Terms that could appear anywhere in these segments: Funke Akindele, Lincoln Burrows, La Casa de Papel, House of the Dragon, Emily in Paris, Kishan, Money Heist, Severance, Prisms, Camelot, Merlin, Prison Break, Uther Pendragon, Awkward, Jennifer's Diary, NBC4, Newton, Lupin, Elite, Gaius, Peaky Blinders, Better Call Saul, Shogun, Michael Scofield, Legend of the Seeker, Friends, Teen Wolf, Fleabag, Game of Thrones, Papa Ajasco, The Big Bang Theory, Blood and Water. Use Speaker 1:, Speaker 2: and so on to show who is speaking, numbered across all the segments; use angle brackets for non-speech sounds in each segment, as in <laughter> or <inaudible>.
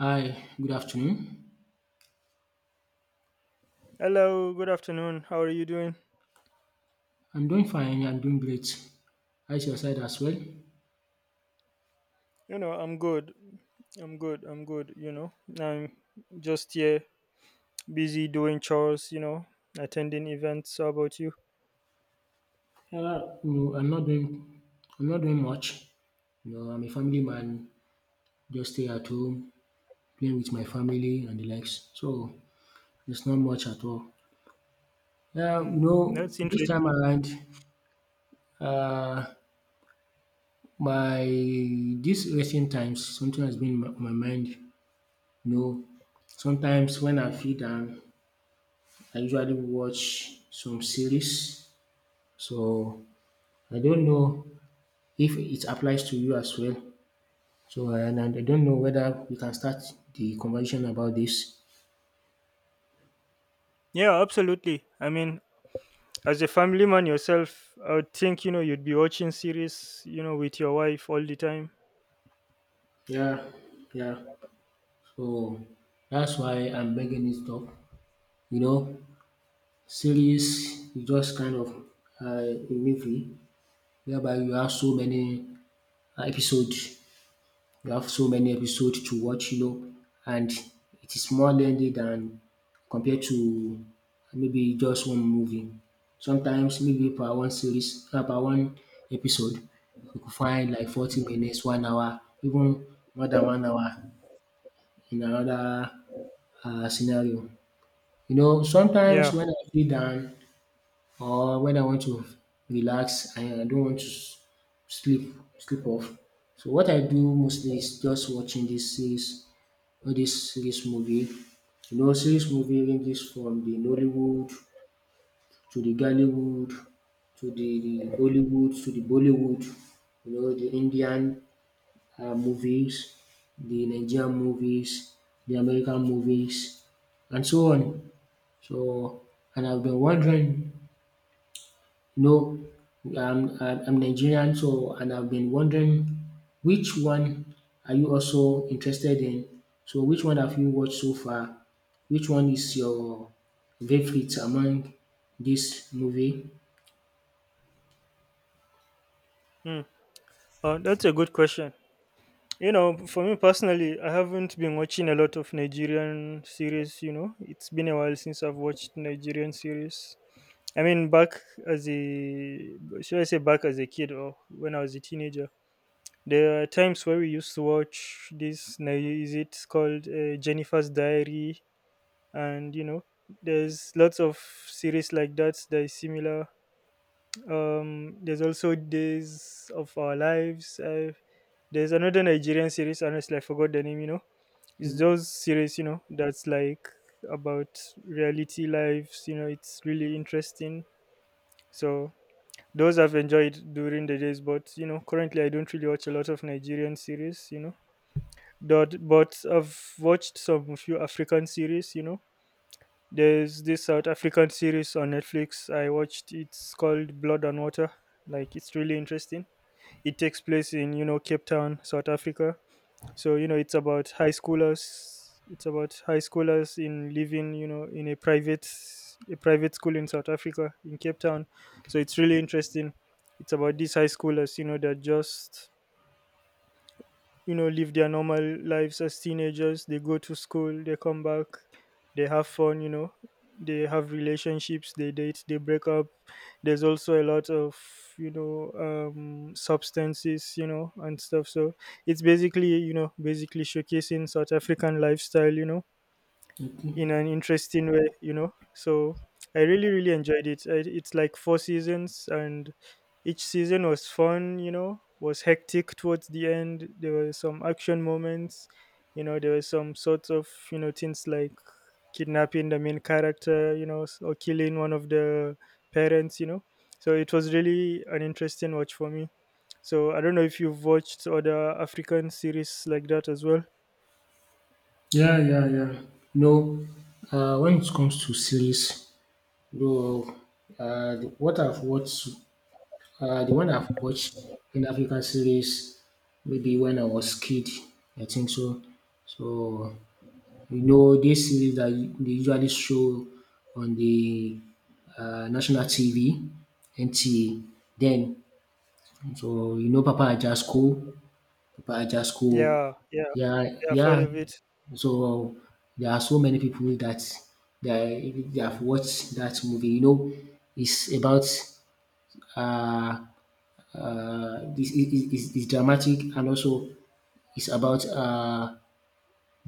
Speaker 1: Hi, good afternoon.
Speaker 2: Hello, good afternoon. How are you doing?
Speaker 1: I'm doing fine. I'm doing great. How's your side as well?
Speaker 2: You know, I'm good. I'm good. You know, I'm just here, busy doing chores, you know, attending events. How about you?
Speaker 1: No, I'm not doing. I'm not doing much. You know, I'm a family man. Just stay at home, playing with my family and the likes. So it's not much at all. Yeah,
Speaker 2: Hmm.
Speaker 1: you know,
Speaker 2: That's
Speaker 1: this time
Speaker 2: interesting.
Speaker 1: around, uh, my this recent times, something has been in my mind. You know, sometimes when I feel down, I usually watch some series. So I don't know if it applies to you as well. So, and I don't know whether we can start the conversation about this.
Speaker 2: Yeah, absolutely. I mean, as a family man yourself, I would think, you know, you'd be watching series, you know, with your wife all the time.
Speaker 1: Yeah, yeah. So that's why I'm bringing this up. You know, series is just kind of a movie whereby you have so many episodes. You have so many episodes to watch, you know, and it is more lengthy than compared to maybe just one movie. Sometimes maybe per one series, per one episode, you could find like 40 minutes, 1 hour, even more than 1 hour in another scenario. You know,
Speaker 2: Yeah.
Speaker 1: sometimes when I feel down or when I want to relax and I don't want to sleep, sleep off. So what I do mostly is just watching this series, all this movie. You know, serious movie ranges from the Nollywood to the Gallywood to the Bollywood to the Bollywood. You know, the Indian movies, the Nigerian movies, the American movies, and so on. So, and I've been wondering, no, I'm I'm Nigerian, so and I've been wondering which one are you also interested in? So which one have you watched so far? Which one is your favorite among this movie?
Speaker 2: Hmm. That's a good question. You know, for me personally, I haven't been watching a lot of Nigerian series, you know. It's been a while since I've watched Nigerian series. I mean, back as a, should I say back as a kid or when I was a teenager, there are times where we used to watch this, is it called Jennifer's Diary? And, you know, there's lots of series like that that is similar, there's also Days of Our Lives. There's another Nigerian series, honestly, I forgot the name, you know. It's those series, you know, that's like about reality lives, you know, it's really interesting. So those I've enjoyed during the days, but you know, currently I don't really watch a lot of Nigerian series, you know. But I've watched some few African series, you know. There's this South African series on Netflix. I watched, it's called Blood and Water. Like, it's really interesting, it takes place in, you know, Cape Town, South Africa. So you know it's about high schoolers. It's about high schoolers in living, you know, in a private school in South Africa in Cape Town. So it's really interesting. It's about these high schoolers, you know, they're just, you know, live their normal lives as teenagers, they go to school, they come back, they have fun, you know, they have relationships, they date, they break up, there's also a lot of, you know, substances, you know, and stuff, so it's basically, you know, basically showcasing South African lifestyle, you know,
Speaker 1: Okay.
Speaker 2: in an interesting way, you know. So I really, really enjoyed it. I, it's like four seasons, and each season was fun, you know, was hectic towards the end. There were some action moments, you know, there were some sorts of, you know, things like kidnapping the main character, you know, or killing one of the parents, you know. So it was really an interesting watch for me. So I don't know if you've watched other African series like that as well.
Speaker 1: Yeah, yeah, yeah. No, when it comes to series, though, what I've watched, the one I've watched in Africa series, maybe when I was kid, I think so. So you know, these series that they usually show on the national TV, NTA, then. So, you know, Papa Ajasco, Papa Ajasco,
Speaker 2: Yeah, yeah,
Speaker 1: yeah,
Speaker 2: yeah, I've heard
Speaker 1: yeah.
Speaker 2: of it.
Speaker 1: So, there are so many people that they have watched that movie. You know, it's about uh, this is, it's dramatic and also it's about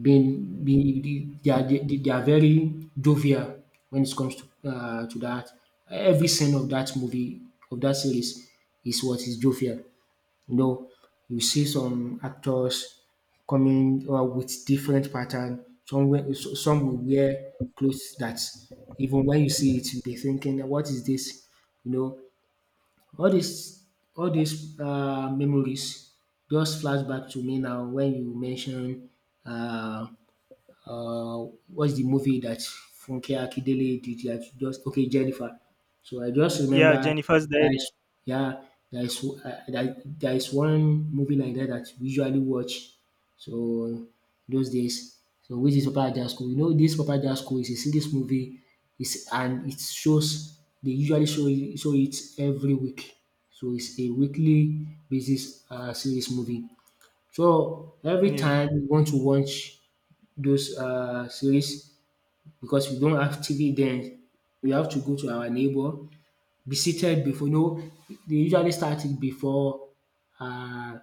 Speaker 1: being, be the they are, they are very jovial when it comes to that. Every scene of that movie, of that series, is what is jovial. You know, you see some actors coming out with different pattern. Some wear, so some will wear clothes that even when you see it, you'll be thinking, "What is this?" You know, all these all these memories just flash back to me now when you mention um uh, what's the movie that Funke Akindele did that, just okay, Jennifer. So I just
Speaker 2: Yeah,
Speaker 1: remember
Speaker 2: Jennifer's
Speaker 1: that
Speaker 2: Diary.
Speaker 1: sh- yeah, there is there is one movie like that that we usually watch. So those days, so which is Papa Jasco. You know, this Papa Jasco is a serious movie. It's and it shows, they usually show it every week. So it's a weekly basis series movie. So every
Speaker 2: Yeah,
Speaker 1: time you want to watch those series, because we don't have TV then. We have to go to our neighbor, be seated before, no, they usually start it before, uh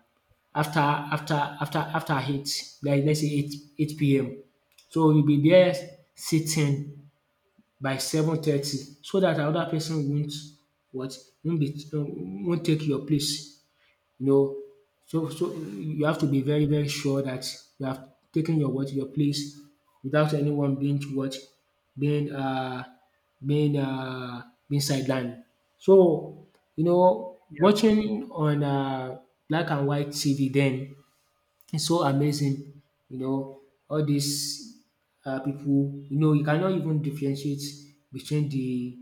Speaker 1: after after after eight, like let's say eight PM. So we will be there sitting by 7:30 so that another person won't, what, won't take your place, you know. So so you have to be very very sure that you have taken your, what, your place without anyone being, what, being uh being uh being sidelined. So you know,
Speaker 2: yeah,
Speaker 1: watching on black and white TV then, it's so amazing, you know, all these pipu, you know, you cannot even differentiate between the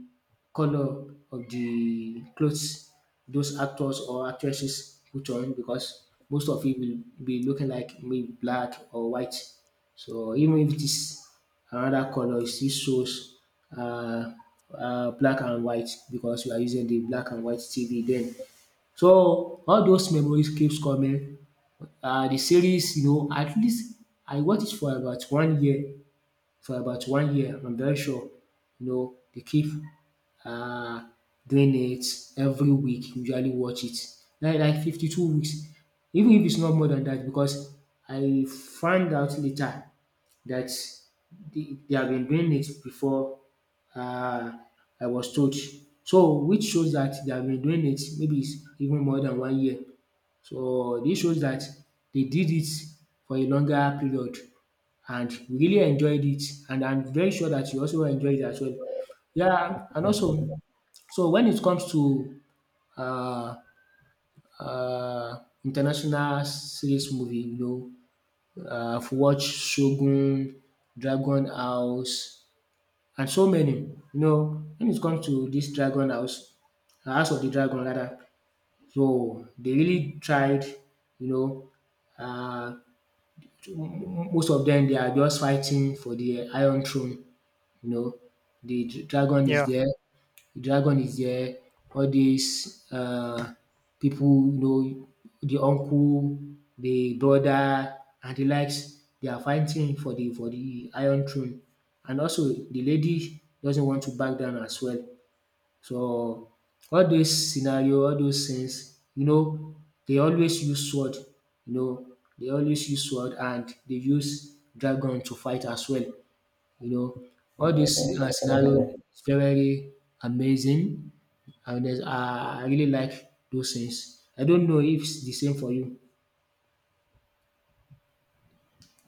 Speaker 1: colour of the clothes those actors or actresses put on, because most of it will be looking like maybe black or white. So even if it is another colour, it still shows um black and white, because we are using the black and white TV then. So all those memories keeps coming. The series, you know, at least I watched it for about 1 year, for about 1 year. I'm very sure, you know, they keep um doing it every week, usually watch it. Like 52 weeks, even if it's not more than that, because I found out later that they have been doing it before, um I was told. So which shows that they have been doing it maybe, it's even more than 1 year. So this shows that they did it for a longer period and we really enjoyed it, and I'm very sure that you also enjoyed it as well. Yeah, and also, so when it comes to uh uh international series movie, you know, I've watched Shogun, Dragon House, and so many. You know, when it comes to this Dragon House, House of the Dragon rather, so they really tried, you know, um most of them, they are just fighting for the Iron Throne, you know. The dragon is
Speaker 2: yeah.
Speaker 1: there, the dragon is there, all these pipu, you know, the uncle, the brother and the likes, they are fighting for the Iron Throne. And also the lady doesn't want to back down as well. So all those scenario, all those things, you know, they always use sword, you know, they always use sword and they use dragon to fight as well. You know, all these scenario is very, very amazing. I really like those things. I don't know if it's the same for you.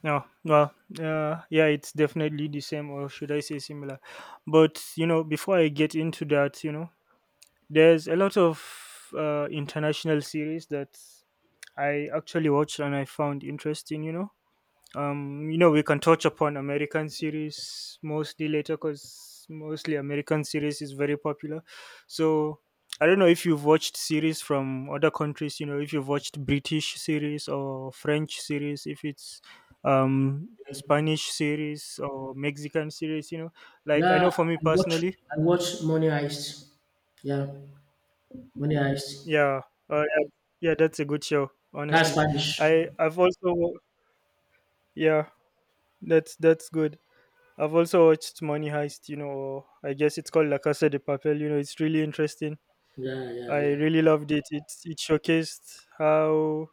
Speaker 2: No, well, yeah, it's definitely the same, or should I say similar? But you know, before I get into that, you know, there's a lot of international series that I actually watched and I found interesting. You know we can touch upon American series mostly later, because mostly American series is very popular, so I don't know if you've watched series from other countries, you know, if you've watched British series or French series, if it's Spanish series or Mexican series, you know, like I
Speaker 1: Yeah,
Speaker 2: know for me personally.
Speaker 1: I watch Money Heist. Yeah, Money Heist.
Speaker 2: Yeah. Yeah, yeah, that's a good show,
Speaker 1: That's
Speaker 2: honestly.
Speaker 1: Spanish.
Speaker 2: I've also, yeah, that's good. I've also watched Money Heist, you know, or I guess it's called La Casa de Papel. You know, it's really interesting.
Speaker 1: Yeah, yeah,
Speaker 2: I
Speaker 1: yeah,
Speaker 2: really loved it. It showcased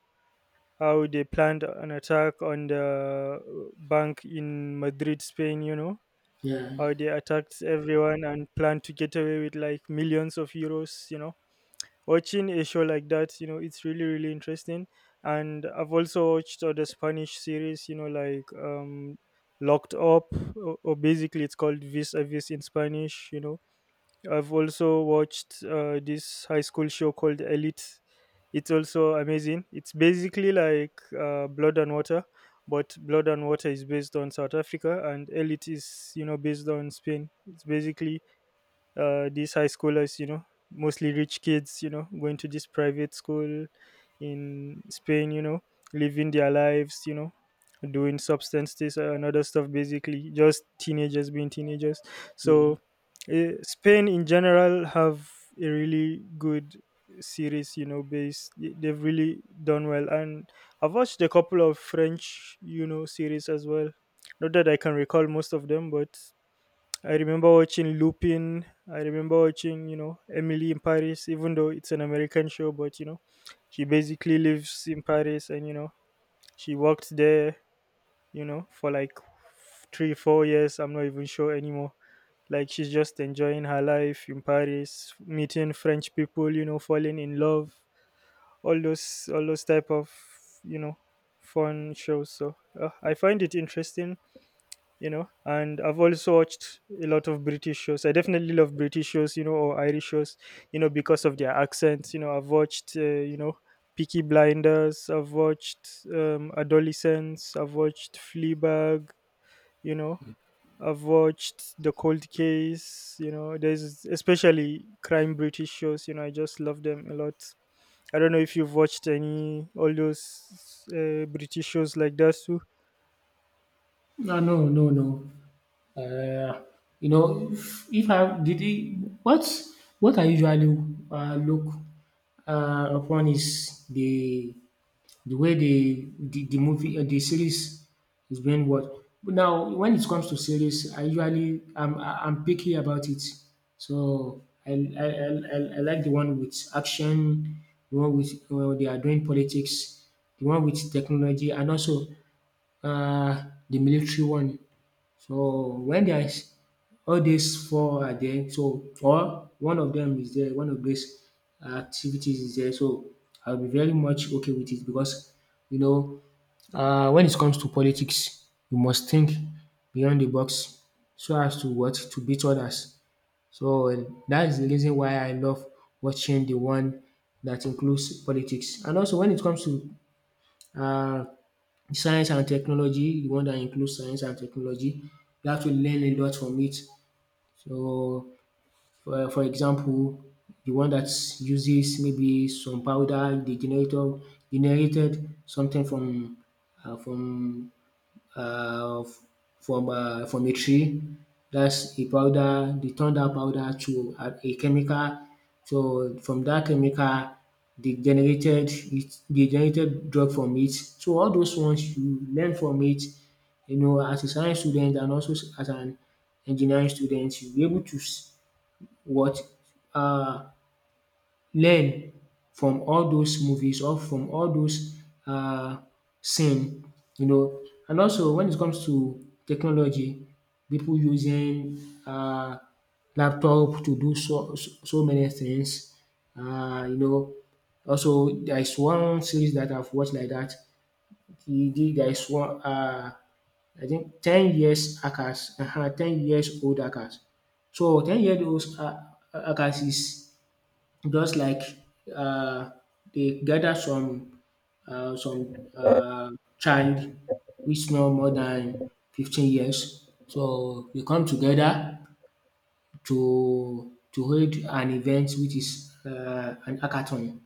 Speaker 2: how they planned an attack on the bank in Madrid, Spain. You know,
Speaker 1: yeah,
Speaker 2: how they attacked everyone and planned to get away with like millions of euros. You know, watching a show like that, you know, it's really really interesting. And I've also watched other Spanish series, you know, like, locked up, or basically it's called vis a vis in Spanish, you know. I've also watched this high school show called Elite. It's also amazing, it's basically like, Blood and Water, but Blood and Water is based on South Africa and Elite is, you know, based on Spain. It's basically, these high schoolers, you know, mostly rich kids, you know, going to this private school in Spain, you know, living their lives, you know, doing substance this and other stuff, basically, just teenagers being teenagers.
Speaker 1: yeah.
Speaker 2: So, Spain in general have a really good series, you know, based. They've really done well, and I've watched a couple of French, you know, series as well. Not that I can recall most of them, but I remember watching Lupin. I remember watching, you know, Emily in Paris, even though it's an American show, but, you know, she basically lives in Paris and, you know, she worked there, you know, for like three, 4 years. I'm not even sure anymore. Like she's just enjoying her life in Paris, meeting French people, you know, falling in love, all those type of, you know, fun shows. So, I find it interesting, you know. And I've also watched a lot of British shows. I definitely love British shows, you know, or Irish shows, you know, because of their accents. You know, I've watched, you know, Peaky Blinders, I've watched, Adolescence, I've watched Fleabag, you know, I've watched The Cold Case. You know, there's especially crime British shows, you know, I just love them a lot. I don't know if you've watched any, all those British shows like that too.
Speaker 1: No, no, no, no. Uh, you know, if I did he, what what I usually look upon is the way the movie, the series is being watched. But now, when it comes to series, I usually, I'm picky about it. So I I like the one with action, the one with, they are doing politics, the one with technology, and also uh, the military one. So, when there is all these four are there, so, or one of them is there, one of these activities is there, so I'll be very much okay with it, because you know, when it comes to politics, you must think beyond the box so as to what? To beat others. So, that is the reason why I love watching the one that includes politics. And also when it comes to uh. science and technology, the one that includes science and technology, you have to learn a lot from it. So, for example, the one that uses maybe some powder, they generator generated something from uh, from uh, f- from a tree. That's a powder. They turn that powder to a chemical. So from that chemical, they generated it. They generated drug from it. So all those ones you learn from it. You know, as a science student and also as an engineering student, you'll be able to s- what uh, learn from all those movies or from all those um scene, you know. And also when it comes to technology, people using um laptop to do so many things, you know. Also there is one series that I've watched like that. E dey There is one, I think 10 years hackers, 10 years old hackers. So 10 years old hackers is just like, uh, they gather some uh, some uh, child which no more than 15 years, so they come together to hold an event which is an hackathon.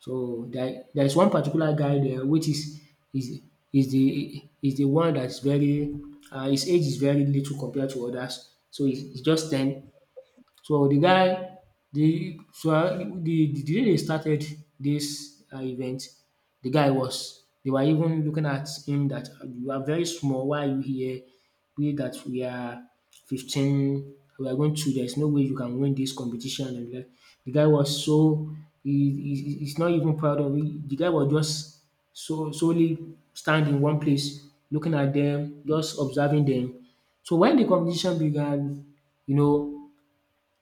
Speaker 1: So there is one particular guy there which is is is the one that's very, his age is very little compared to others, so he's just 10. So the guy, the day they started this event, the guy was they were even looking at him, dat you are very small, why are you here? We that we are 15, we are going to, there's no way you can win this competition. And like, the guy was so, he he he's not even proud of it. The guy was just so solely stand in one place looking at them, just observing them. So when the competition began, you know,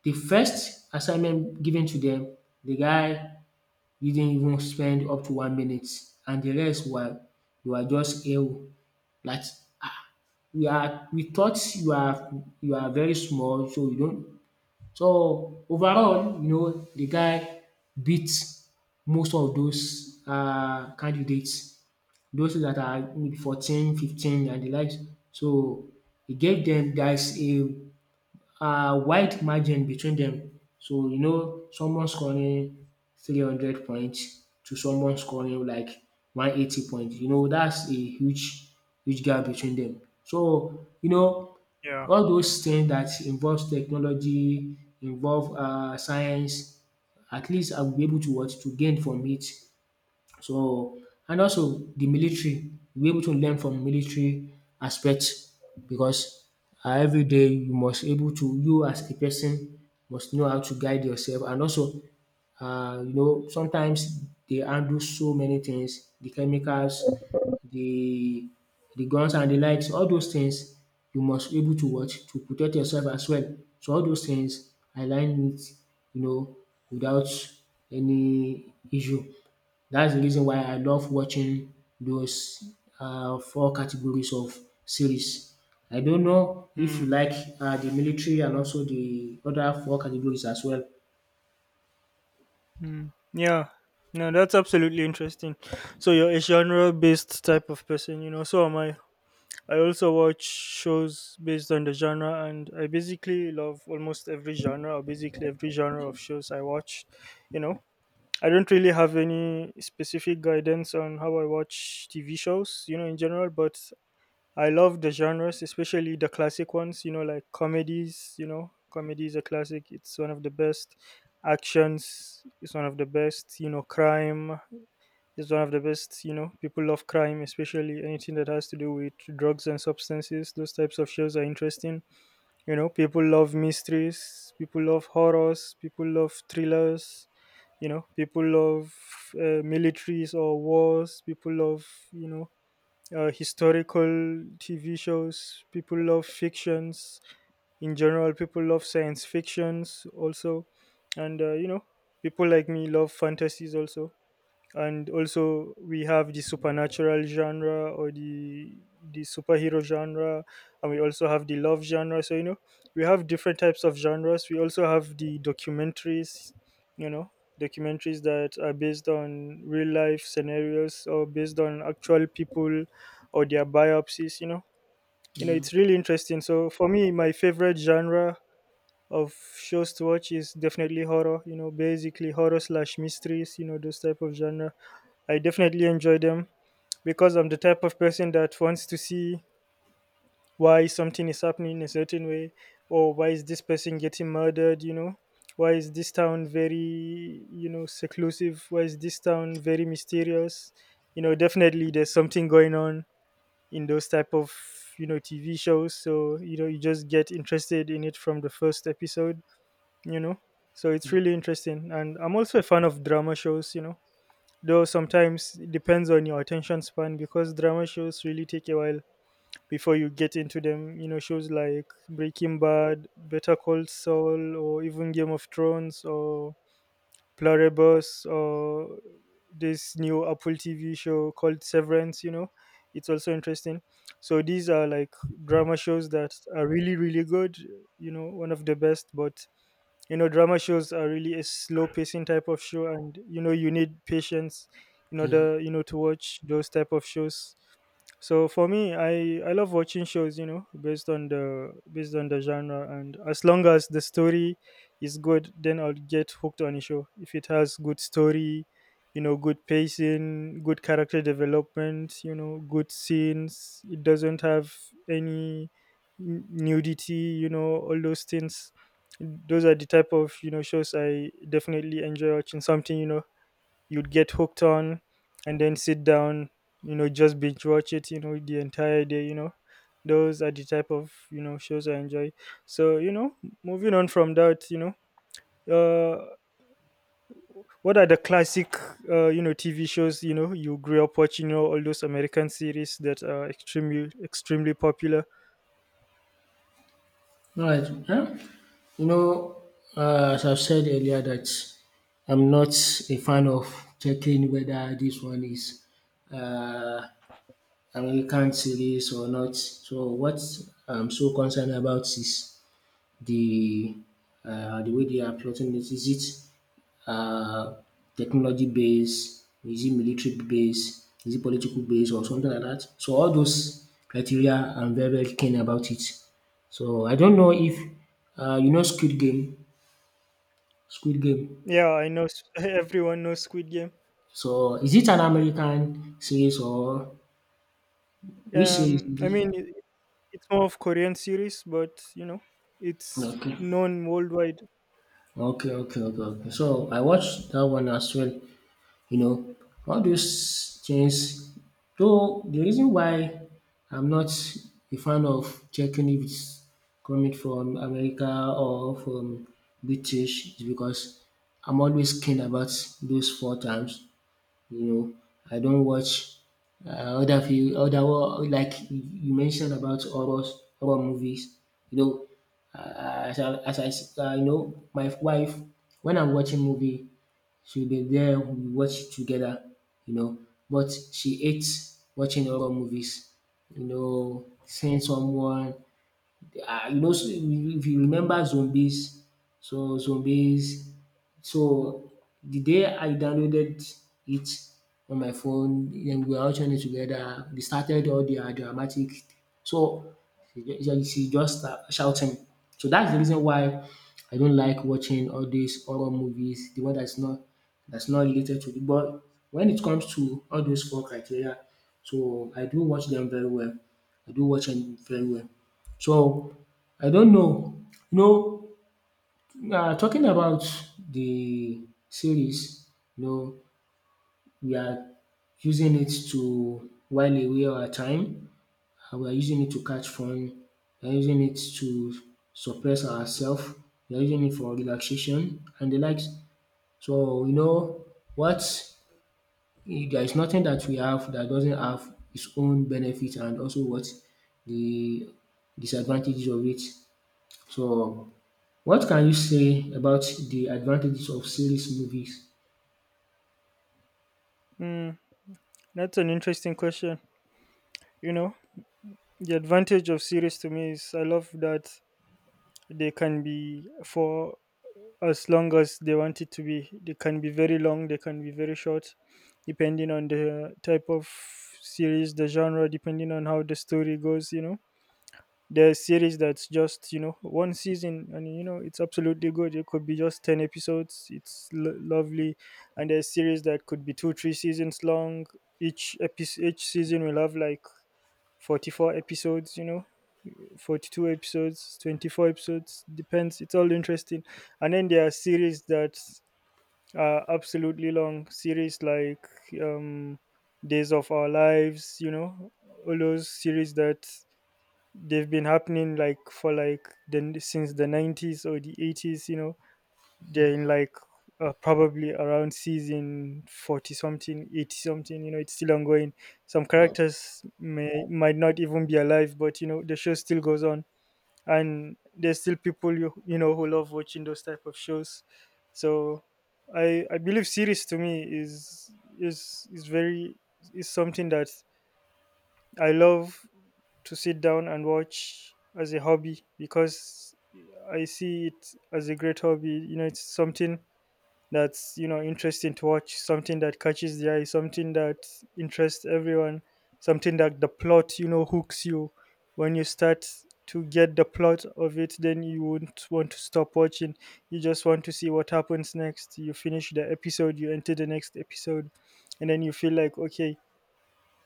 Speaker 1: the first assignment given to them, the guy didn't even spend up to 1 minute, and the rest were just hale like, ah, we thought you are, you are very small, so you don't. So overall, you know, the guy beat most of those candidates, those that are maybe 14, 15 and the likes. So he gave them guys a wide margin between them. So you know someone scoring 300 points to someone scoring like 180 points, that's a huge gap between them. So you know
Speaker 2: Yeah.
Speaker 1: all those things that involves technology, involve science, at least I will be able to what? To gain from it. So and also the military, we able to learn from military aspect because every day you must able to you as a person must know how to guide yourself and also sometimes they handle so many things, the chemicals, the the guns and the likes. All those things you must able to watch to protect yourself as well. So all those things I learn it you know without any issue. That's the reason why I love watching those four categories of series. I don't know if you
Speaker 2: Hmm.
Speaker 1: like the military and also the other four categories as well.
Speaker 2: Mm, yeah, no, that's absolutely interesting. So you're a genre-based type of person, you know. So am I. I also watch shows based on the genre, and I basically love almost every genre, or basically every genre of shows I watch. You know, I don't really have any specific guidance on how I watch TV shows, you know, in general. But I love the genres, especially the classic ones, you know, like comedies. You know, comedy is a classic. It's one of the best. Actions is one of the best, you know. Crime is one of the best, you know, people love crime, especially anything that has to do with drugs and substances. Those types of shows are interesting. You know, people love mysteries, people love horrors, people love thrillers, you know, people love, militaries or wars, people love, you know, historical TV shows. People love fictions in general. People love science fictions also, and, you know, people like me love fantasies also, and also we have the supernatural genre, or the superhero genre, and we also have the love genre. So you know, we have different types of genres. We also have the documentaries, you know, documentaries that are based on real life scenarios or based on actual people or their biopsies, you know. You know,
Speaker 1: Yeah.
Speaker 2: it's really interesting. So for me, my favorite genre of shows to watch is definitely horror, you know, basically horror slash mysteries, you know, those type of genre I definitely enjoy them because I'm the type of person that wants to see why something is happening a certain way, or why is this person getting murdered, you know? Why is this town very, you know, seclusive? Why is this town very mysterious? You know, definitely there's something going on in those type of, you know, TV shows. So, you know, you just get interested in it from the first episode, you know? So it's really interesting. And I'm also a fan of drama shows, you know? Though sometimes it depends on your attention span, because drama shows really take a while before you get into them. You know, shows like Breaking Bad, Better Call Saul, or even Game of Thrones, or Pluribus, or this new Apple TV show called Severance, you know, it's also interesting. So these are like drama shows that are really really good, you know, one of the best. But you know, drama shows are really a slow pacing type of show, and you know, you need patience in
Speaker 1: Yeah.
Speaker 2: order, you know, to watch those type of shows. So for me, I love watching shows, you know, based on the, based on the genre, and as long as the story is good, then I'll get hooked on a show. If it has good story, you know, good pacing, good character development, you know, good scenes, it doesn't have any nudity, you know, all those things. Those are the type of, you know, shows I definitely enjoy watching. Something, you know, you'd get hooked on and then sit down, you know, just binge watch it, you know, the entire day, you know. Those are the type of, you know, shows I enjoy. So, you know, moving on from that, you know, uh what are the classic, you know, TV shows, you know, you grew up watching, you know, all those American series that are extremely extremely popular?
Speaker 1: Alright. You know, as I've said earlier that I'm not a fan of checking whether this one is um American series or not. So what I'm so concerned about is the the way they are plotting it. Is it technology based? Is it military based? Is it political based or something like that? So all those criteria, I'm very very keen about it. So I don't know if you know Squid Game. Squid Game.
Speaker 2: Yeah, I know <laughs> everyone knows Squid Game.
Speaker 1: So is it an American series or which series
Speaker 2: I
Speaker 1: is it?
Speaker 2: mean, it, it's more of Korean series, but you know, it's
Speaker 1: Okay.
Speaker 2: known worldwide.
Speaker 1: Okay, okay, okay, okay. So I watched that one as well. You know, all those things though the reason why I'm not a fan of checking if it's coming from America or from British is because I'm always keen about those four times. You know, I don't watch other few other like you mentioned about horror movies. You know, my wife, when I'm watching movie, she'll be there, we watch together, you know. But she hates watching horror movies, seeing someone, so if you remember zombies, so the day I downloaded it on my phone, then we were all watching it together. They started all their dramatic, so she just start shouting. So that's the reason why I don't like watching all these horror movies, the one that's not related to the. But when it comes to all those four criteria, so I do watch them very well. I do watch them very well. So I don't know. You know, talking about the series, you know, we are using it to while away our time, and we are using it to catch fun, we are using it to suppress ourselves. We are using it for relaxation and the likes. So, you know, what there is nothing that we have that doesn't have its own benefit and also what the disadvantages of it. So what can you say about the advantages of series movies?
Speaker 2: Mm. That's an interesting question. You know, the advantage of series to me is I love that they can be for as long as they want it to be. They can be very long, they can be very short, depending on the type of series, the genre, depending on how the story goes, you know. There's series that's just, you know, one season, and you know, it's absolutely good. It could be just 10 episodes. It's lovely. And there's series that could be 2 3 seasons long. Each episode each season will have like 44 episodes, you know, 42 episodes, 24 episodes, depends. It's all interesting. And then there are series that are absolutely long, series like um, Days of Our Lives, you know, all those series that they've been happening like for like then since the 90s or the 80s, you know, they're in like probably around season 40 something, 80 something, you know, it's still ongoing. Some
Speaker 1: Wow.
Speaker 2: characters may might not even be alive, but you know, the show still goes on, and there's still people, you know, who love watching those type of shows. So I believe series to me is, is very, is something that I love to sit down and watch as a hobby, because I see it as a great hobby. You know, it's something that's, you know, interesting to watch, something that catches the eye, something that interests everyone, something that the plot, you know, hooks you. When you start to get the plot of it, then you won't want to stop watching. You just want to see what happens next. You finish the episode, you enter the next episode, and then you feel like, okay,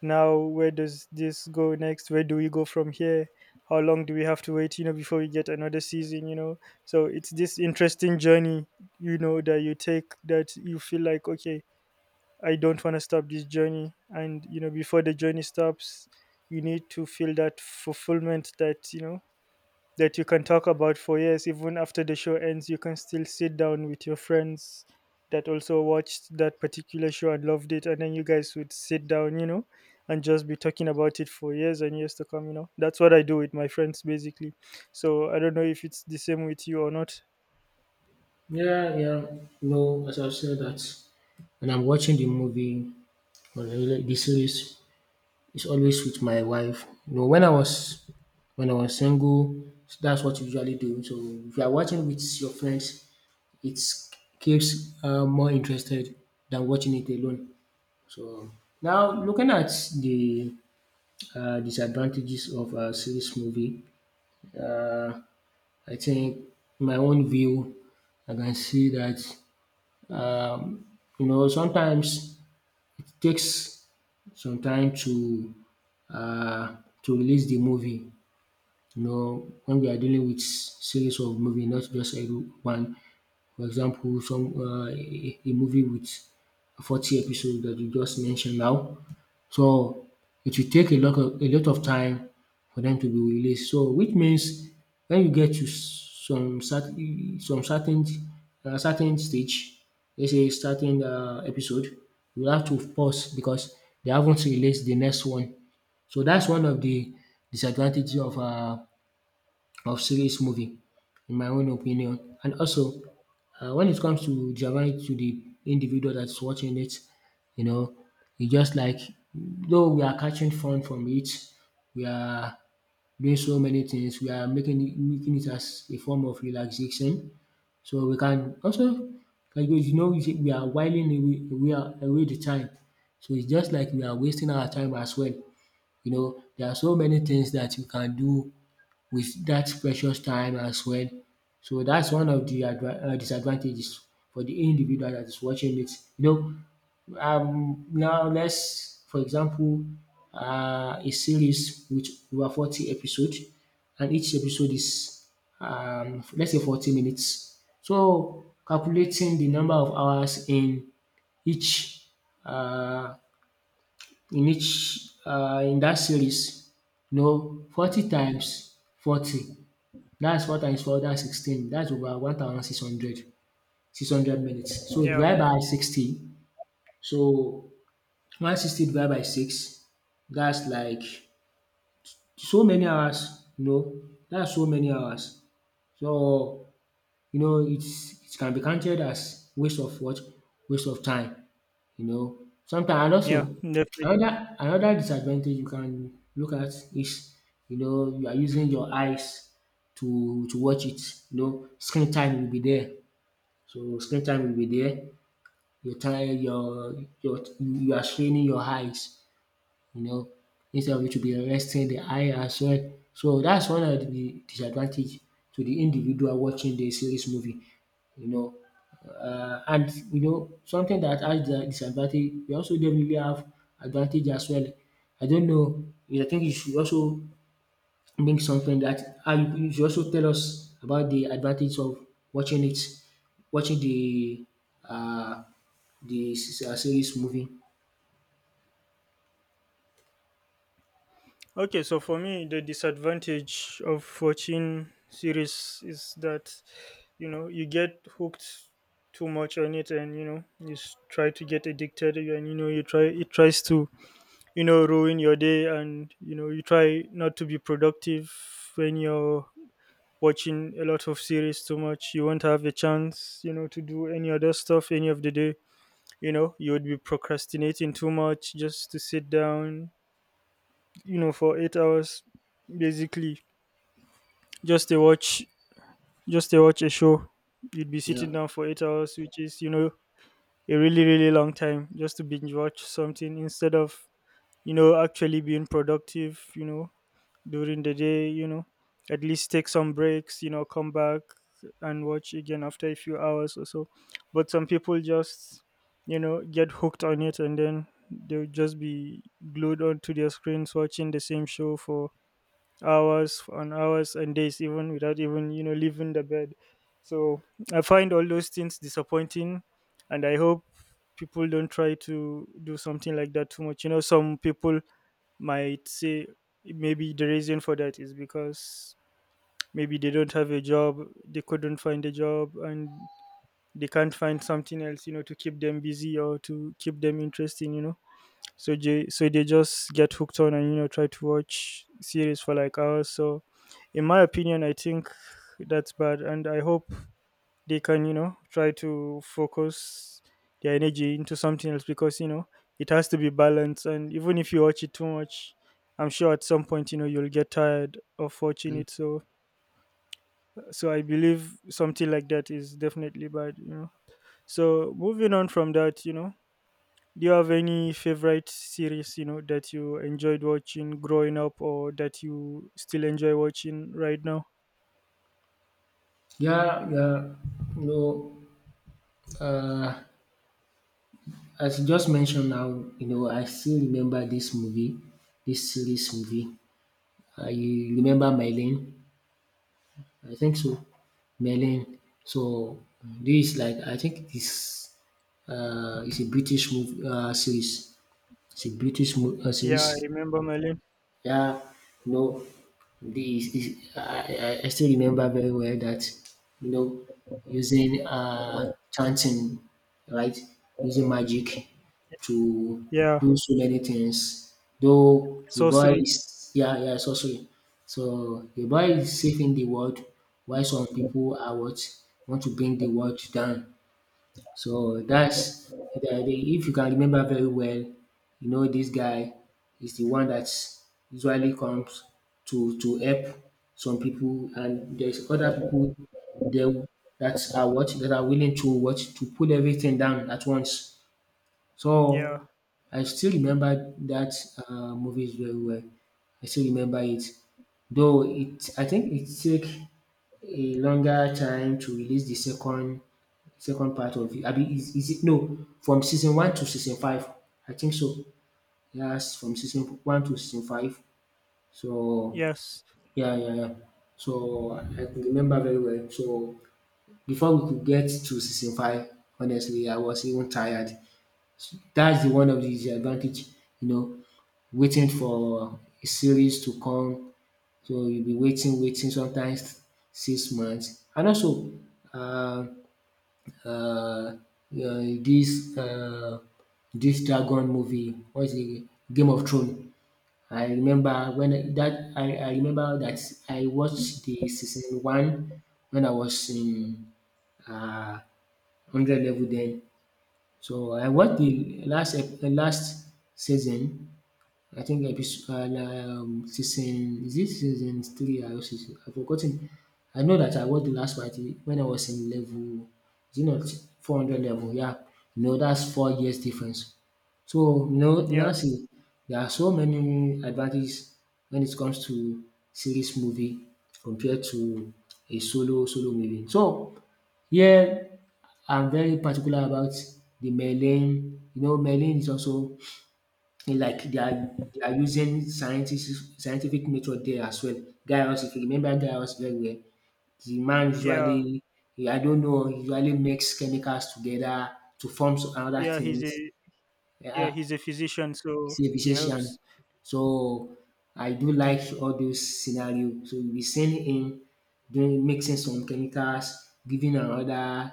Speaker 2: now where does this go next? Where do we go from here? How long do we have to wait, you know, before we get another season, you know. So it's this interesting journey, you know, that you take, that you feel like, okay, I don't want to stop this journey. And you know, before the journey stops, you need to feel that fulfillment, that, you know, that you can talk about for years even after the show ends. You can still sit down with your friends that also watched that particular show and loved it, and then you guys would sit down, you know, and just be talking about it for years and years to come, you know. That's what I do with my friends, basically. So I don't know if it's the same with you or not.
Speaker 1: Yeah, yeah. No, as I've said that when I'm watching the movie or the series, it's always with my wife. You know, when I was single, that's what you usually do. So if you are watching with your friends, it keeps more interested than watching it alone. So now looking at the disadvantages of a series movie. Uh, I think my own view, I can see that, um, you know, sometimes it takes some time uh, to release the movie. You know, when we are dealing with series of movie, not just a one. For example, some a movie with 40 episodes that you just mentioned now. So it will take a lot of time for them to be released. So which means when you get to some certain certain stage, let's say certain episode, you have to pause because they haven't released the next one. So that's one of the disadvantages of of series movie in my own opinion. And also, when it comes to Japan, to the individual that's watching it, you know, it's just like though we are catching fun from it, we are doing so many things, we are making it as a form of relaxation. So we can also, like you see, we are whiling away, we are away the time. So it's just like we are wasting our time as well. You know, there are so many things that you can do with that precious time as well. So that's one of de disadvantages for the individual that is watching it. You know, now let's for example a series with over 40 episodes, and each episode is let's say 40 minutes. So calculating the number of hours in each um in each in that series, you know, 40 times 40, that's what times four, that's 16. That's over 1,600, 600 minutes. So
Speaker 2: Yeah.
Speaker 1: divide by 60. So 160 divided by 6, that's like so many hours, you know, that's so many hours. So you know, it can be counted as waste of what? Waste of time. You know, sometimes and
Speaker 2: Yeah,
Speaker 1: also
Speaker 2: definitely.
Speaker 1: another disadvantage you can look at is you know you are using your eyes to watch it. You know, screen time will be there. So screen time will be there. Your time, your you are straining your eyes, you know, instead of you to be arresting the eye as well. So that's one of the disadvantage to the individual watching the series movie, you know. And you know something that has the disadvantage, we also definitely have advantage as well. I don't know. I think you should also bring something that, and you should also tell us about the advantage of watching it, watching the uh, the series movie.
Speaker 2: Okay, so for me, the disadvantage of watching series is that you know, you get hooked too much on it, and you know, you try to get addicted, and you know, you try it tries to you know, ruin your day, and you know, you try not to be productive when you're watching a lot of series too much. You won't have a chance, you know, to do any other stuff any of the day. You know, you would be procrastinating too much, just to sit down, you know, for 8 hours, basically, just to watch, a show. You'd be sitting
Speaker 1: Yeah.
Speaker 2: down for 8 hours, which is, you know, a really really long time, just to binge watch something instead of, you know, actually being productive. You know, during the day, you know, at least take some breaks. You know, come back and watch again after a few hours or so. But some people just, you know, get hooked on it, and then they'll just be glued onto their screens, watching the same show for hours on hours and days, even without even, you know, leaving the bed. So I find all those things disappointing, and I hope people don't try to do something like that too much. You know, some people might say, maybe the reason for that is because maybe they don't have a job, they couldn't find a job, and they can't find something else, you know, to keep them busy or to keep them interesting, you know. So they, just get hooked on, and you know, try to watch series for like hours. So in my opinion, I think that's bad, and I hope they can, you know, try to focus their energy into something else, because you know, it has to be balanced. And even if you watch it too much, I'm sure at some point, you know, you'll get tired of watching it. So I believe something like that is definitely bad, you know. So moving on from that, you know, do you have any favorite series, you know, that you enjoyed watching growing up or that you still enjoy watching right now?
Speaker 1: Yeah, yeah. No, uh, as you just mentioned now, you know, I still remember this movie, this series movie. I remember Merlin. I think so, Merlin. So this is like, I think, this is a British movie series. It's a British
Speaker 2: Yeah, I
Speaker 1: series.
Speaker 2: remember Merlin.
Speaker 1: Yeah, you know, this is I still remember very well that you know using chanting, right? Using magic to
Speaker 2: Yeah.
Speaker 1: do so many things. Though the boy
Speaker 2: Sorcery.
Speaker 1: is, yeah, yeah, so sorry. So the boy is saving the world, while some people are what want to bring the world down. So that's if you can remember very well, you know this guy is the one that usually comes to help some people, and there's other people there that are what that are willing to what to put everything down at once.
Speaker 2: Yeah.
Speaker 1: So I still remember that movies very well. I still remember it, though it. I think it took a longer time to release the second part of it. I mean, is it no, from season one to season five? I think so. Yes, from season one to season five. So
Speaker 2: Yes.
Speaker 1: yeah, yeah, yeah. So I can remember very well. So before we could get to season five, honestly, I was even tired. That's the one of the disadvantage, you know, waiting for a series to come. So you'll be waiting, waiting, sometimes 6 months. And also, uh, uh, uh, this this dragon movie, what is it? Game of Thrones. I remember that I remember that I watched the season one when I was in uh, 100 level then. So I watched the last the last season, I think episode, season, is it season three or season? I've forgotten. I know that I watched the last part when I was in level, is it not 400 level? Yeah, you know that's 4 years difference. So you know you now
Speaker 2: Yeah.
Speaker 1: see there are so many advantages when it comes to series movie compared to a solo movie. So here I'm very particular about the Merlin. You know, Merlin is also it's like they are using scientists scientific method there as well. Gaius, if you remember Gaius very well, the man
Speaker 2: Yeah.
Speaker 1: usually, I don't know, he usually makes chemicals together to form some other
Speaker 2: Yeah, he's a
Speaker 1: things.
Speaker 2: yeah,
Speaker 1: Yeah,
Speaker 2: he's a physician, so
Speaker 1: he's a
Speaker 2: he helps.
Speaker 1: physician. So I do like all those scenario. So we send be sending him doing mixing some chemicals, giving another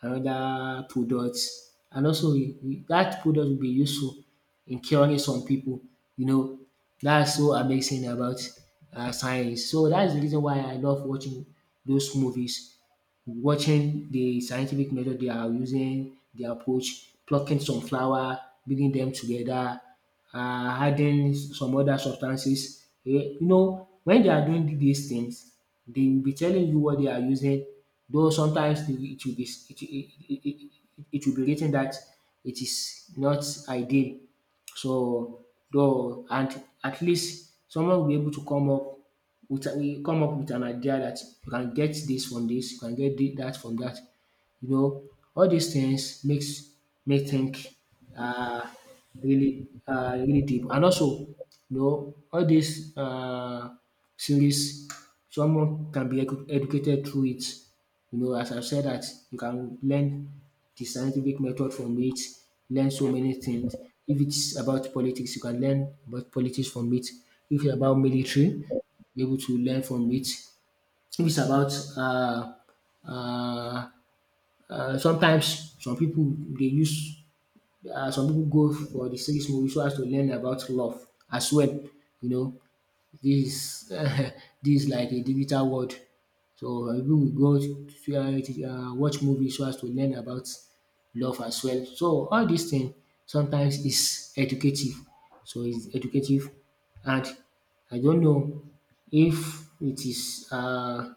Speaker 1: another product, and also that product will be useful in curing some people. You know, that's so amazing about science. So that's the reason why I love watching those movies watching the scientific method they are using, the approach, plucking some flower, bringing them together, adding some other substances. When they are doing these things, they will be telling you what they are using, though sometimes it it will be it, it, it, it, it will be written that it is not ideal, so though, and at least someone will be able to come up with an idea that you can get this from this, you can get that from that. You know, all these things makes me think uh, really really deep. And also, all these series, someone can be educated through it. As I've said, that you can learn the scientific method from it, learn so many things. If it's about politics, you can learn about politics from it. If it's about military, be able to learn from it. If it's about uh, sometimes, some pipu dey use, some pipu go for de series movie so as to learn about love as well. you know dis dis <laughs> like a digital world. So some pipu go watch movie so as to learn about love as well. So all dis thing sometimes is educative, so is educative. And I don't know if it is.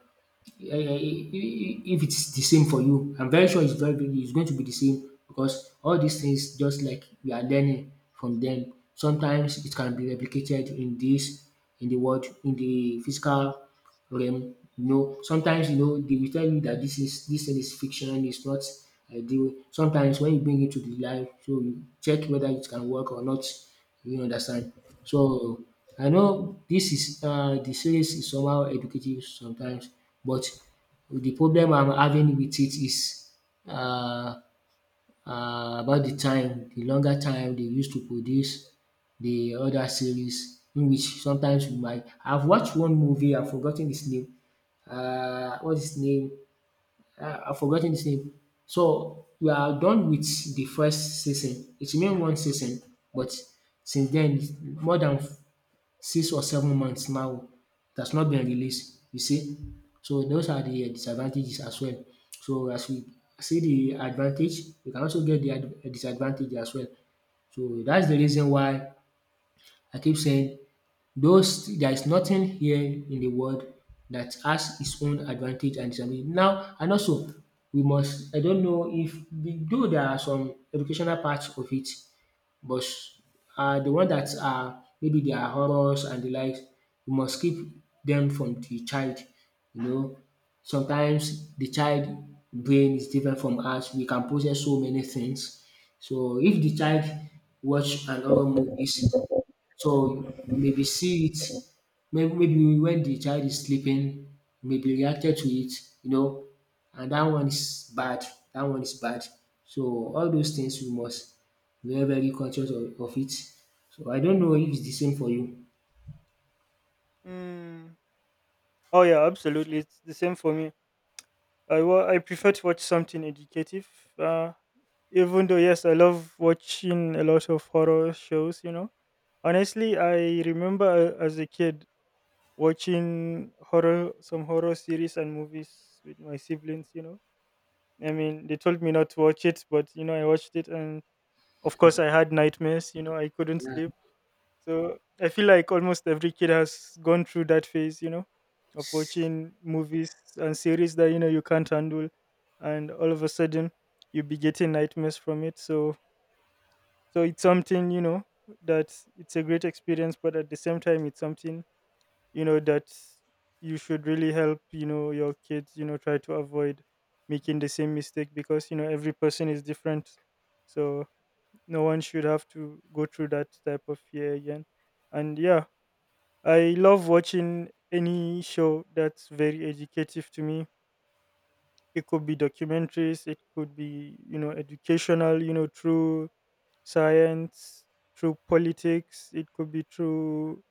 Speaker 1: If it's the same for you, I'm very sure it's very big, it's going to be the same, because all these things, just like we are learning from them. Sometimes it can be replicated in this, in the world, in the physical realm. Sometimes they will tell you that this thing is fiction, it's not. The Sometimes when you bring it to the life, so you check whether it can work or not. You understand? So I know this is the series is somehow educative sometimes, but the problem I'm having with it is uh about the time, the longer time they used to produce the other series, in which sometimes we might, I've watched one movie, I've forgot ten his name, what's his name, I've forgotten his name. So we are done with the first season. It remained one season, but since then, more than 6 or 7 months now, it has not been released. You see, so those are the disadvantages as well. So as we see the advantage, we can also get the disadvantage as well. So that's the reason why I keep saying those, there is nothing here in the world that has its own advantage and disadvantage. Now, and also we must, I don't know, if though there are some educational parts of it, but the one that are, maybe they are horrors and the likes, we must keep them from the child, you know. Sometimes the child brain is different from us, we can process so many things. So if the child watch an horror movies, so you maybe see it, maybe, maybe when the child is sleeping, you maybe reacted to it, you know, and that one is bad. That one is bad. So all those things we must be very, very conscious of it. So I don't know if it's the same for you.
Speaker 2: Mm. Oh yeah, absolutely. It's the same for me. I prefer to watch something educative. Uh Even though yes, I love watching a lot of horror shows, you know. Honestly, I remember, as a kid, watching horror, some horror series and movies with my siblings, you know. I mean, they told me not to watch it, but you know, I watched it, and of course, I had nightmares, you know, I couldn't
Speaker 1: Yeah.
Speaker 2: sleep. So I feel like almost every kid has gone through that phase, you know, of watching movies and series that, you know, you can't handle, and all of a sudden you be getting nightmares from it. So it's something, you know, that it's a great experience, but at the same time, it's something, you know, that you should really help, you know, your kids, you know, try to avoid making the same mistake, because you know, every person is different. So no one should have to go through that type of fear again. And yeah, I love watching any show that's very educative to me. It could be documentaries, it could be, you know, educational, you know, through science, through politics, it could be through,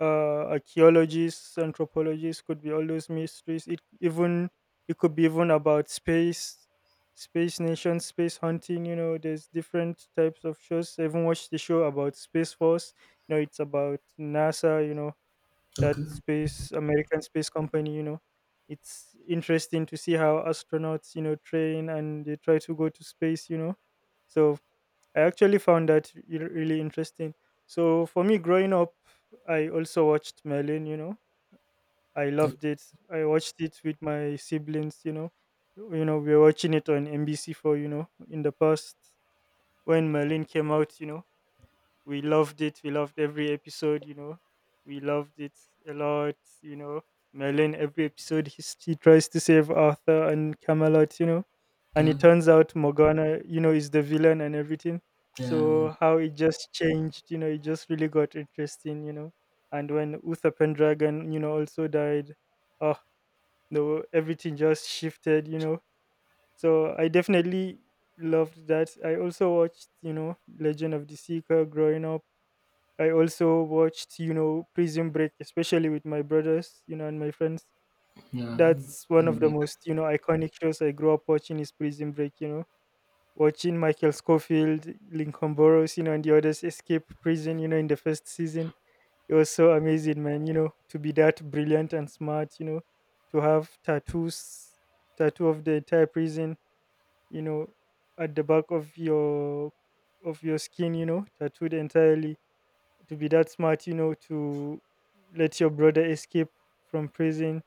Speaker 2: archaeologists, anthropologists, could be all those mysteries. It could be even about space, space nation, space hunting. You know, there's different types of shows. I even watched the show about Space Force. You know, it's about NASA. You know, that
Speaker 1: Okay.
Speaker 2: space American space company. You know, it's interesting to see how astronauts, you know, train and they try to go to space, you know. So I actually found that re- really interesting. So for me, growing up, I also watched Merlin. You know, I
Speaker 1: Okay.
Speaker 2: loved it. I watched it with my siblings. You know, we were watching it on NBC4. You know, in the past, when Merlin came out. You know, we loved it. We loved every episode, you know. We loved it a lot, you know. Merlin, every episode, he tries to save Arthur and Camelot, you know. And
Speaker 1: Yeah.
Speaker 2: it turns out Morgana, you know, is the villain and everything.
Speaker 1: Yeah. Yeah.
Speaker 2: So how it just changed, you know, it just really got interesting, you know. And when Uther Pendragon, you know, also died, oh, no, everything just shifted, you know. So I definitely loved that. I also watched, you know, Legend of the Seeker growing up. I also watched, you know, Prison Break, especially with my brothers, you know, and my friends.
Speaker 1: Yeah.
Speaker 2: That's one of the most, you know, iconic shows I grew up watching, is Prison Break, you know. Watching Michael Scofield, Lincoln Burrows, you know, and the others escape prison, you know, in the first season. It was so amazing, man, you know, to be that brilliant and smart, you know, to have tattoos, tattoo of the entire prison, you know, at the back of your skin, you know, tattooed entirely, to be that smart, you know, to let your brother escape from prison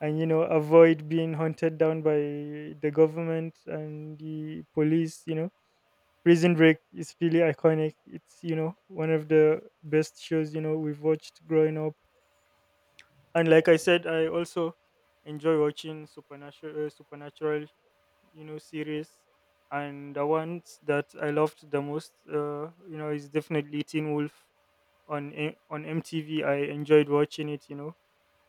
Speaker 2: and, you know, avoid being hunted down by the government and the police, you know. Prison Break is really iconic. It's, you know, one of the best shows, you know, we've watched growing up. And like I said, I also enjoy watching supernatural, you know, series. And the ones that I loved the most, you know, is definitely Teen Wolf, on on MTV. I enjoyed watching it, you know.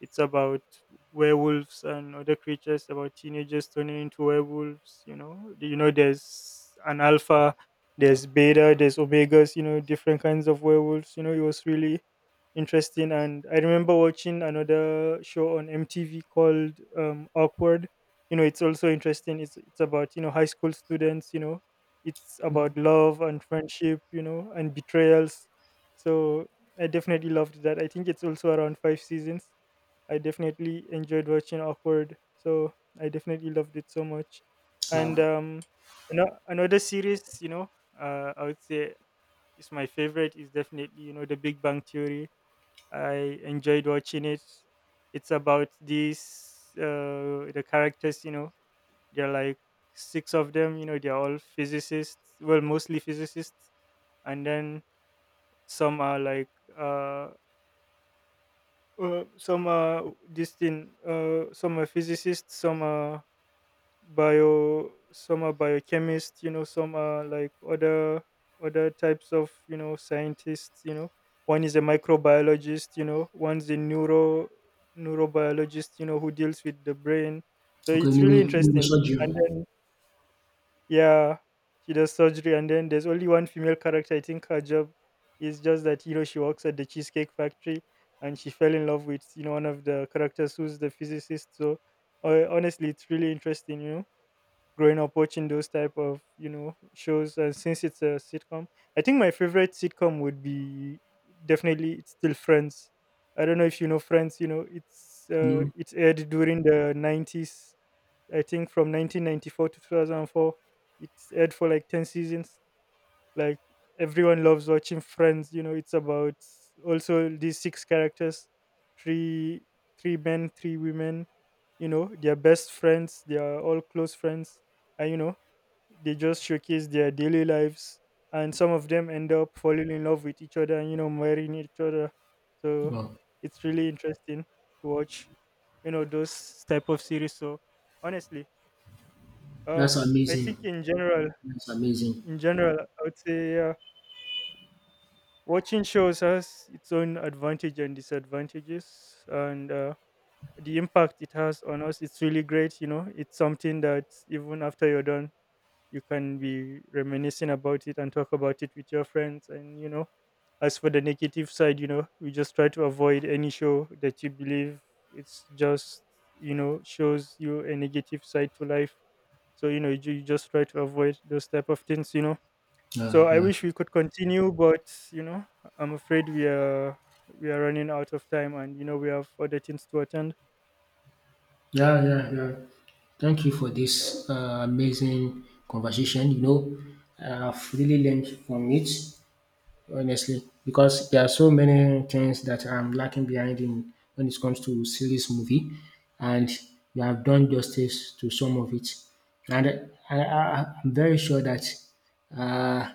Speaker 2: It's about werewolves and other creatures, about teenagers turning into werewolves. You know, there's an alpha, there's beta, there's omegas. You know, different kinds of werewolves. You know, it was really interesting. And I remember watching another show on MTV called Awkward. You know, it's also interesting. It's about, you know, high school students. You know, it's about love and friendship, you know, and betrayals. So I definitely loved that. I think it's also around five seasons. I definitely enjoyed watching Awkward. So I definitely loved it so much. And
Speaker 1: Wow.
Speaker 2: another series, you know, I would say is my favorite is definitely, you know, The Big Bang Theory. I enjoyed watching it. It's about these, the characters, you know, they're like six of them. You know, they're all physicists. Well, mostly physicists, and then some are like uh some this thing some are physicists, some are biochemists, you know. Some are like other types of, you know, scientists, you know. One is a microbiologist, you know, one's a neurobiologist, you know, who deals with the brain. So
Speaker 1: Okay.
Speaker 2: it's
Speaker 1: Nego,
Speaker 2: really
Speaker 1: nego
Speaker 2: interesting.
Speaker 1: surgeon.
Speaker 2: And then yeah, she does surgery, and then there's only one female character. I think her job is just that, you know, she works at the cheesecake factory, and she fell in love with, you know, one of the characters who's the physicist. So honestly, it's really interesting. You know, growing up watching those type of, you know, shows, and since it's a sitcom, I think my favorite sitcom would be, definitely it's still Friends. I don't know if you know Friends. You know, it's,
Speaker 1: No.
Speaker 2: it's aired during the 90s, I think from 1994 to 2004. It's aired for like 10 seasons. Like, everyone loves watching Friends. You know, it's about also these six characters, three three men, three women. You know, they're best friends. They are all close friends, and you know, they just showcase their daily lives. And some of them end up falling in love with each other, and you know, marrying each other. So
Speaker 1: Wow.
Speaker 2: it's really interesting to watch. You know, those type of series. So honestly, uh,
Speaker 1: That's
Speaker 2: I
Speaker 1: amazing.
Speaker 2: think in general,
Speaker 1: That's amazing.
Speaker 2: I would say, watching shows has its own advantage and disadvantages, and, the impact it has on us, it's really great. You know, it's something that even after you're done, you can be reminiscing about it and talk about it with your friends. And you know, as for the negative side, you know, we just try to avoid any show that you believe it's just, you know, shows you a negative side to life. So you know, you just try to avoid those type of things, you know.
Speaker 1: Yeah.
Speaker 2: So I
Speaker 1: Yeah.
Speaker 2: wish we could continue, but you know, I'm afraid we are running out of time, and you know, we have other things to attend.
Speaker 1: Yeah, yeah, yeah. Thank you for this amazing conversation. I've really learned from it, honestly, because there are so many things that I'm lacking behind in when it comes to series movie, and you have done justice to some of it. And I'm very sure that uh,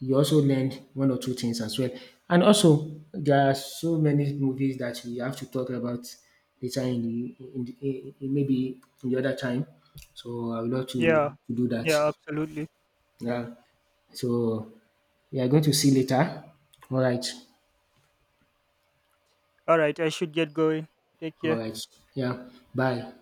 Speaker 1: you also learned one or two things as well. And also, there are so many movies that we have to talk about later, in the, in the in- maybe in the other time. So I would love to,
Speaker 2: Yeah,
Speaker 1: to do that.
Speaker 2: yeah, absolutely.
Speaker 1: Yeah. So we are going to see later. All right.
Speaker 2: All right, I should get going. Take
Speaker 1: All
Speaker 2: care.
Speaker 1: right. Yeah. Bye.